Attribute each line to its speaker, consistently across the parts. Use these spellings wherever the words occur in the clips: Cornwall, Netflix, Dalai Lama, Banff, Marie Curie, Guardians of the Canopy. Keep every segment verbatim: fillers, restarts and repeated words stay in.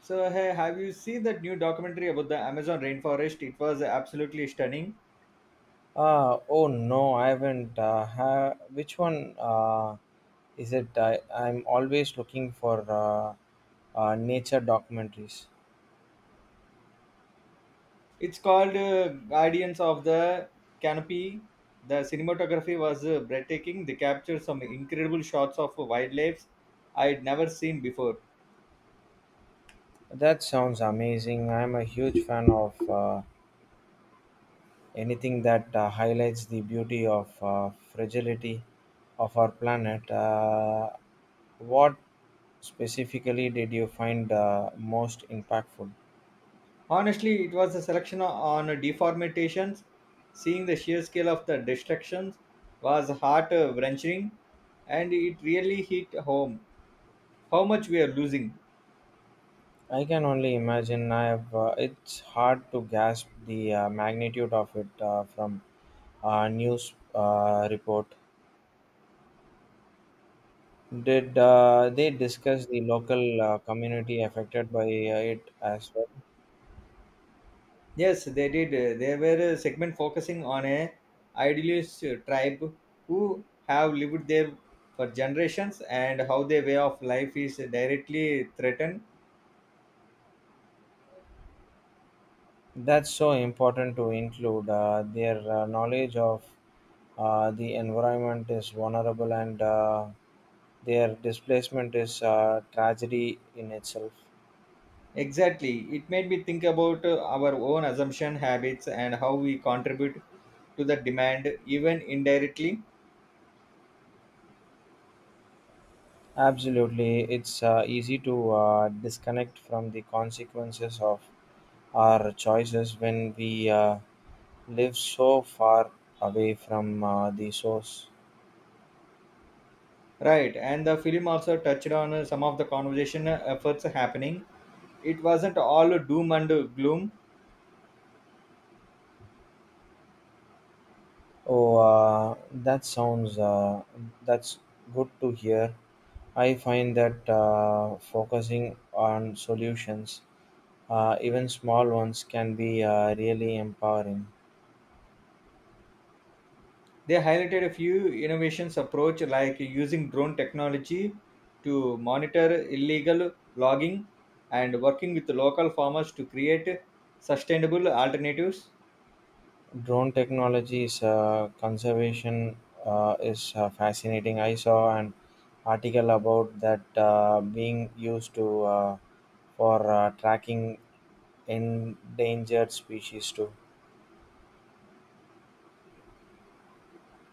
Speaker 1: So, hey, have you seen that new documentary about the Amazon rainforest? It was absolutely stunning.
Speaker 2: Uh, oh no, I haven't. Uh, ha- which one uh, is it? I, I'm always looking for uh, uh, nature documentaries.
Speaker 1: It's called uh, Guardians of the Canopy. The cinematography was uh, breathtaking. They captured some incredible shots of wildlife I'd never seen before.
Speaker 2: That sounds amazing. I'm a huge fan of uh, anything that uh, highlights the beauty of uh, fragility of our planet. Uh, what specifically did you find uh, most impactful?
Speaker 1: Honestly, it was a selection on deformations. Seeing the sheer scale of the destructions was heart wrenching and it really hit home how much we are losing.
Speaker 2: I can only imagine. I have. Uh, it's hard to grasp the uh, magnitude of it uh, from a news uh, report. Did uh, they discuss the local uh, community affected by uh, it as well?
Speaker 1: Yes, they did. Uh, They were a segment focusing on a idealist uh, tribe who have lived there for generations and how their way of life is directly threatened.
Speaker 2: That's so important to include. Uh, their uh, knowledge of uh, the environment is vulnerable, and uh, their displacement is a tragedy in itself.
Speaker 1: Exactly. It made me think about uh, our own assumption habits and how we contribute to the demand even indirectly.
Speaker 2: Absolutely, it's uh, easy to uh, disconnect from the consequences of our choices when we uh, live so far away from uh, the source.
Speaker 1: Right. And the film also touched on uh, some of the conversation uh, efforts happening. It wasn't all doom and gloom.
Speaker 2: Oh, uh, that sounds uh, that's good to hear. I find that uh, focusing on solutions, uh, even small ones, can be uh, really empowering.
Speaker 1: They highlighted a few innovations approach like using drone technology to monitor illegal logging and working with local farmers to create sustainable alternatives.
Speaker 2: Drone technologies uh, conservation uh, is uh, fascinating. I saw an article about that uh, being used to uh, for uh, tracking endangered species too.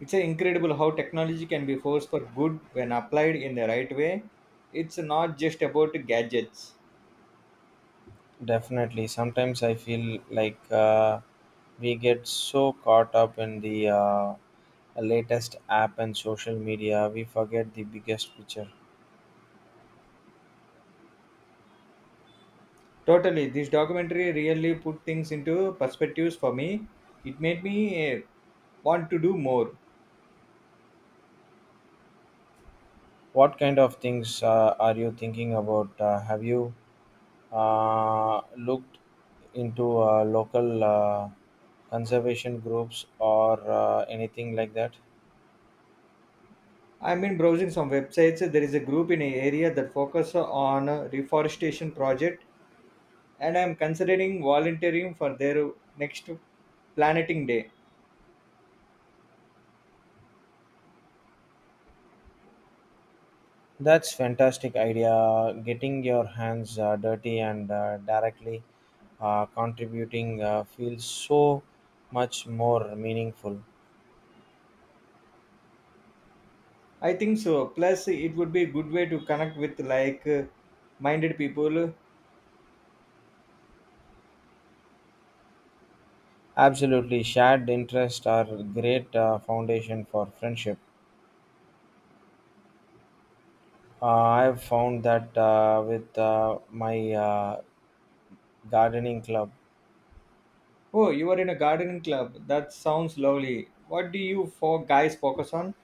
Speaker 1: It's a incredible how technology can be force for good when applied in the right way. It's not just about gadgets.
Speaker 2: Definitely, sometimes I feel like uh, we get so caught up in the uh, latest app and social media, we forget the biggest picture.
Speaker 1: Totally, this documentary really put things into perspectives for me. It made me eh, want to do more.
Speaker 2: What kind of things uh, are you thinking about? Uh, have you uh, looked into uh, local uh, conservation groups or uh, anything like that.
Speaker 1: I've been browsing some websites. There is a group in an area that focus on a reforestation project, and I'm considering volunteering for their next planting day.
Speaker 2: That's fantastic idea. Getting your hands uh, dirty and uh, directly uh, contributing uh, feels so much more meaningful.
Speaker 1: I think so. Plus, it would be a good way to connect with like-minded people.
Speaker 2: Absolutely, shared interests are great uh, foundation for friendship. uh, I've found that uh, with uh, my uh, gardening club.
Speaker 1: Oh, you are in a gardening club. That sounds lovely. What do you four guys focus on?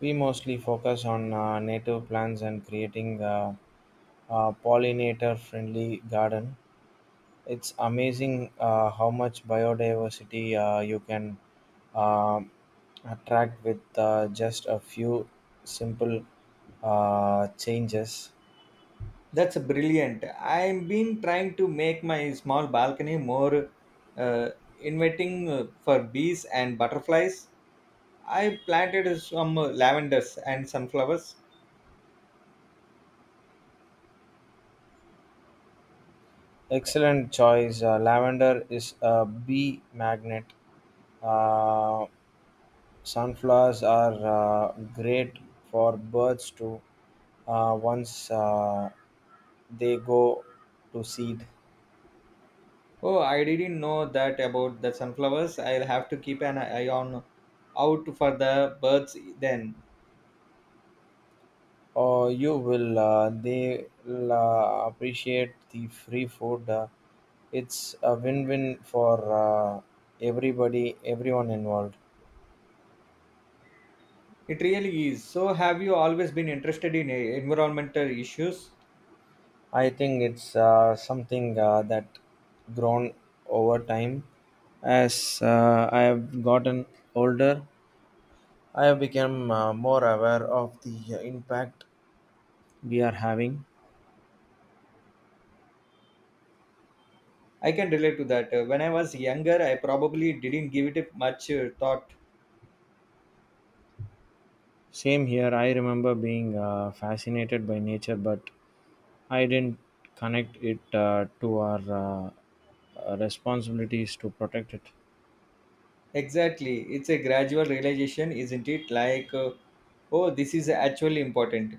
Speaker 2: We mostly focus on uh, native plants and creating a, a pollinator friendly garden. It's amazing uh, how much biodiversity uh, you can uh, attract with uh, just a few simple uh, changes.
Speaker 1: That's brilliant. I've been trying to make my small balcony more uh, inviting uh, for bees and butterflies. I planted some lavenders and sunflowers.
Speaker 2: Excellent choice. Uh, lavender is a bee magnet. Uh, sunflowers are uh, great for birds to, uh, once uh, they go to seed.
Speaker 1: Oh, I didn't know that about the sunflowers. I'll have to keep an eye on out for the birds then.
Speaker 2: Or you will, uh, they'll uh, appreciate the free food. Uh, it's a win-win for uh, everybody everyone involved.
Speaker 1: It really is. So, have you always been interested in eh, environmental issues?
Speaker 2: I think it's uh, something uh, that grown over time. As uh, I have gotten older, I have become uh, more aware of the impact we are having.
Speaker 1: I can relate to that. Uh, When I was younger, I probably didn't give it much uh, thought.
Speaker 2: Same here, I remember being uh, fascinated by nature, but I didn't connect it uh, to our uh, uh, responsibilities to protect it.
Speaker 1: Exactly. It's a gradual realization, isn't it? Like, uh, oh, this is actually important.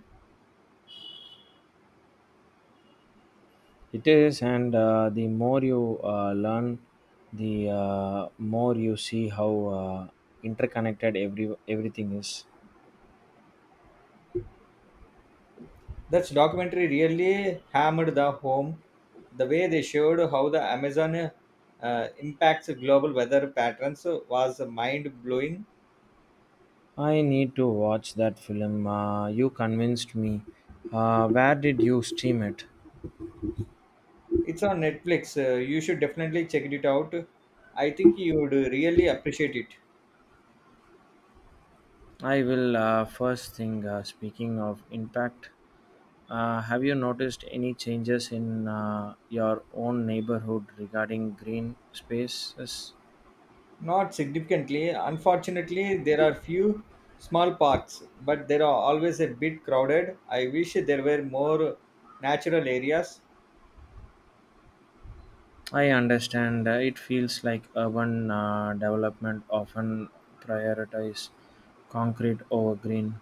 Speaker 2: It is, and uh, the more you uh, learn, the uh, more you see how uh, interconnected every everything is.
Speaker 1: That documentary really hammered the home the way they showed how the Amazon uh, impacts global weather patterns was mind blowing.
Speaker 2: I need to watch that film. Uh, you convinced me. Uh, where did you stream it?
Speaker 1: It's on Netflix. Uh, you should definitely check it out. I think you would really appreciate it.
Speaker 2: I will. Uh, first thing. Uh, speaking of impact, uh, have you noticed any changes in uh, your own neighborhood regarding green spaces?
Speaker 1: Not significantly. Unfortunately, there are few small parks, but they are always a bit crowded. I wish there were more natural areas.
Speaker 2: I understand, uh, it feels like urban uh, development often prioritize concrete over green.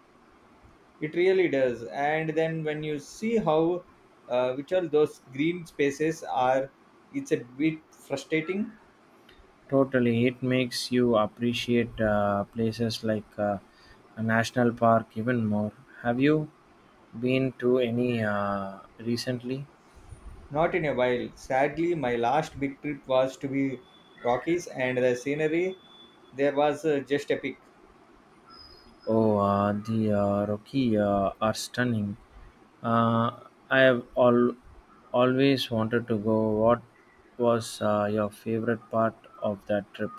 Speaker 1: It really does. And then when you see how uh, which all those green spaces are, it's a bit frustrating.
Speaker 2: Totally, it makes you appreciate uh, places like uh, a national park even more. Have you been to any uh, recently?
Speaker 1: Not in a while. Sadly, my last big trip was to be Rockies, and the scenery there was uh, just epic.
Speaker 2: Oh, uh, the uh, Rocky uh, are stunning. Uh, I have al- always wanted to go. What was uh, your favorite part of that trip?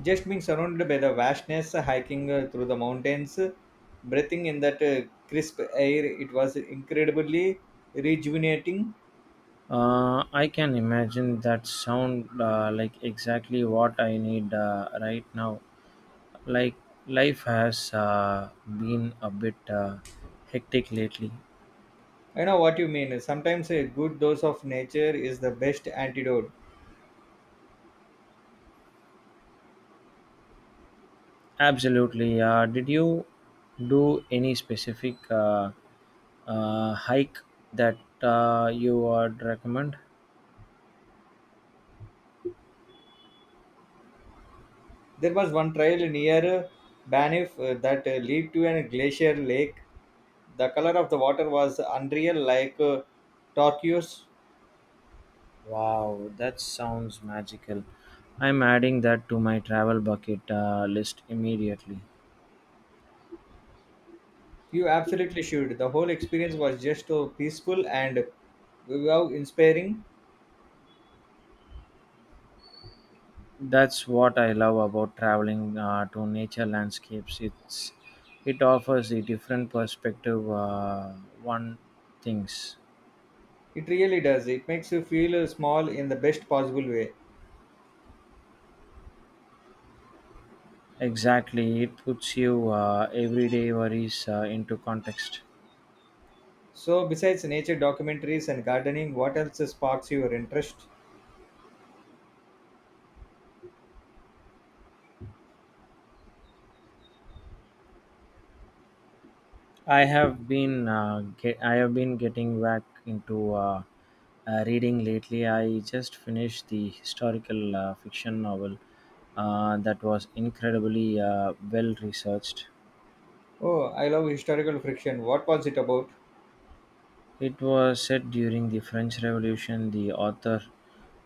Speaker 1: Just being surrounded by the vastness, hiking uh, through the mountains, breathing in that uh, crisp air, it was incredibly rejuvenating.
Speaker 2: Uh, I can imagine that sound uh, like exactly what I need uh, right now. Like life has uh, been a bit uh, hectic lately.
Speaker 1: I know what you mean. Sometimes a good dose of nature is the best antidote.
Speaker 2: Absolutely. Uh, did you do any specific uh, uh, hike that uh, you would recommend?
Speaker 1: There was one trail near Banff uh, that uh, led to a glacier lake. The color of the water was unreal, like uh, turquoise.
Speaker 2: Wow, that sounds magical. I'm adding that to my travel bucket uh, list immediately.
Speaker 1: You absolutely should. The whole experience was just so peaceful and wow, inspiring.
Speaker 2: That's what I love about traveling uh, to nature landscapes. It's it offers a different perspective, uh, one thinks.
Speaker 1: It really does. It makes you feel uh, small in the best possible way.
Speaker 2: Exactly, it puts you uh, everyday worries uh, into context.
Speaker 1: So, besides nature documentaries and gardening, what else sparks your interest?
Speaker 2: I have been uh, get, I have been getting back into uh, uh, reading lately. I just finished the historical uh, fiction novel uh, that was incredibly uh, well researched.
Speaker 1: Oh, I love historical fiction. What was it about?
Speaker 2: It was set during the French Revolution. The author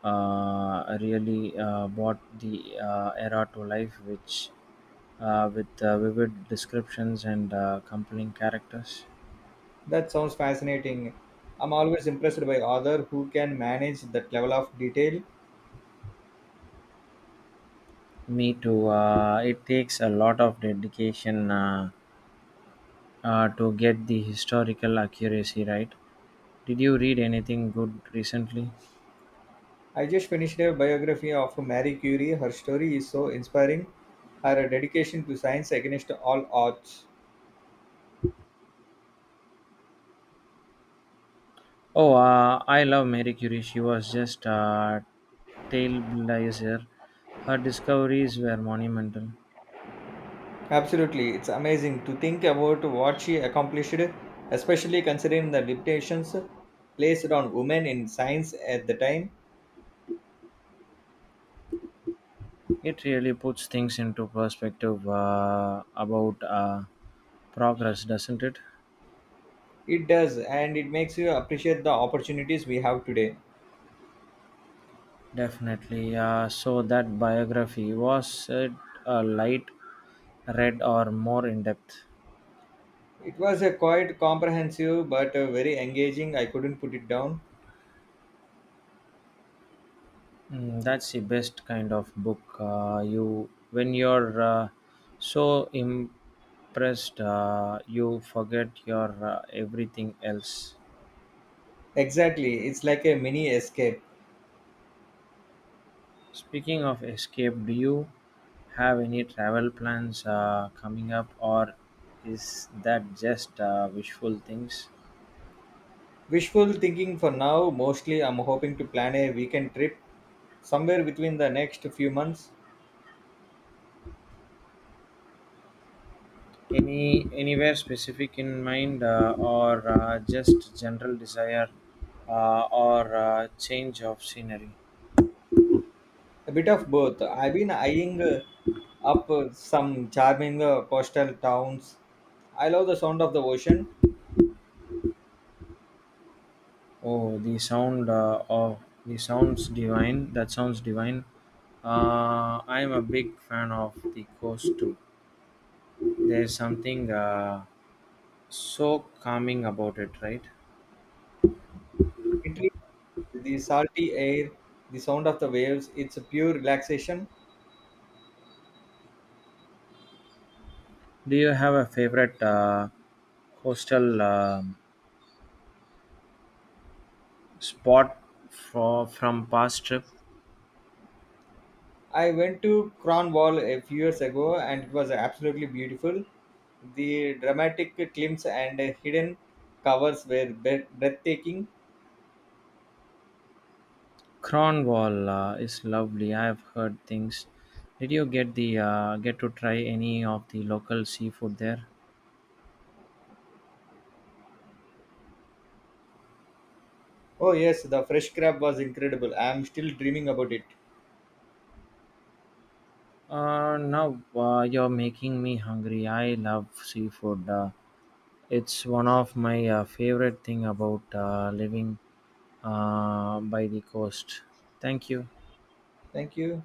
Speaker 2: uh, really uh, brought the uh, era to life, which uh, with uh, vivid descriptions and uh, compelling characters.
Speaker 1: That sounds fascinating. I'm always impressed by authors who can manage that level of detail.
Speaker 2: Me too. Uh, it takes a lot of dedication uh, uh, to get the historical accuracy right. Did you read anything good recently?
Speaker 1: I just finished a biography of Marie Curie. Her story is so inspiring. Her dedication to science against all odds.
Speaker 2: Oh, uh, I love Mary Curie. She was just a trailblazer. Her discoveries were monumental.
Speaker 1: Absolutely, it's amazing to think about what she accomplished, especially considering the limitations placed on women in science at the time.
Speaker 2: It really puts things into perspective uh, about uh, progress, doesn't it?
Speaker 1: It does, and it makes you appreciate the opportunities we have today.
Speaker 2: Definitely. Yeah. So that biography, was it a light read or more in depth?
Speaker 1: It was a quite comprehensive but uh, very engaging. I couldn't put it down.
Speaker 2: Mm, that's the best kind of book. Uh, you When you're uh, so impressed, uh, you forget your uh, everything else.
Speaker 1: Exactly, it's like a mini escape.
Speaker 2: Speaking of escape, do you have any travel plans uh, coming up, or is that just uh, wishful things?
Speaker 1: Wishful thinking for now. Mostly, I'm hoping to plan a weekend trip somewhere between the next few months.
Speaker 2: Any anywhere specific in mind, uh, or uh, just general desire, uh, or uh, change of scenery?
Speaker 1: A bit of both. I've been eyeing uh, up uh, some charming uh, coastal towns. I love the sound of the ocean.
Speaker 2: Oh, the sound uh, of the sounds divine. That sounds divine. Uh, I'm a big fan of the coast too. There's something uh, so calming about it, right?
Speaker 1: It is the salty air, the sound of the waves. It's a pure relaxation.
Speaker 2: Do you have a favorite uh, coastal um spot for from past trip?
Speaker 1: I went to Cornwall a few years ago and it was absolutely beautiful. The dramatic climbs and hidden covers were bre- breathtaking.
Speaker 2: Cornwall uh, is lovely. I've heard things. Did you get the uh, get to try any of the local seafood there?
Speaker 1: Oh, yes, the fresh crab was incredible. I am still dreaming about it.
Speaker 2: Uh, now uh, you're making me hungry. I love seafood. Uh, it's one of my uh, favorite thing about uh, living uh, by the coast. Thank you.
Speaker 1: Thank you.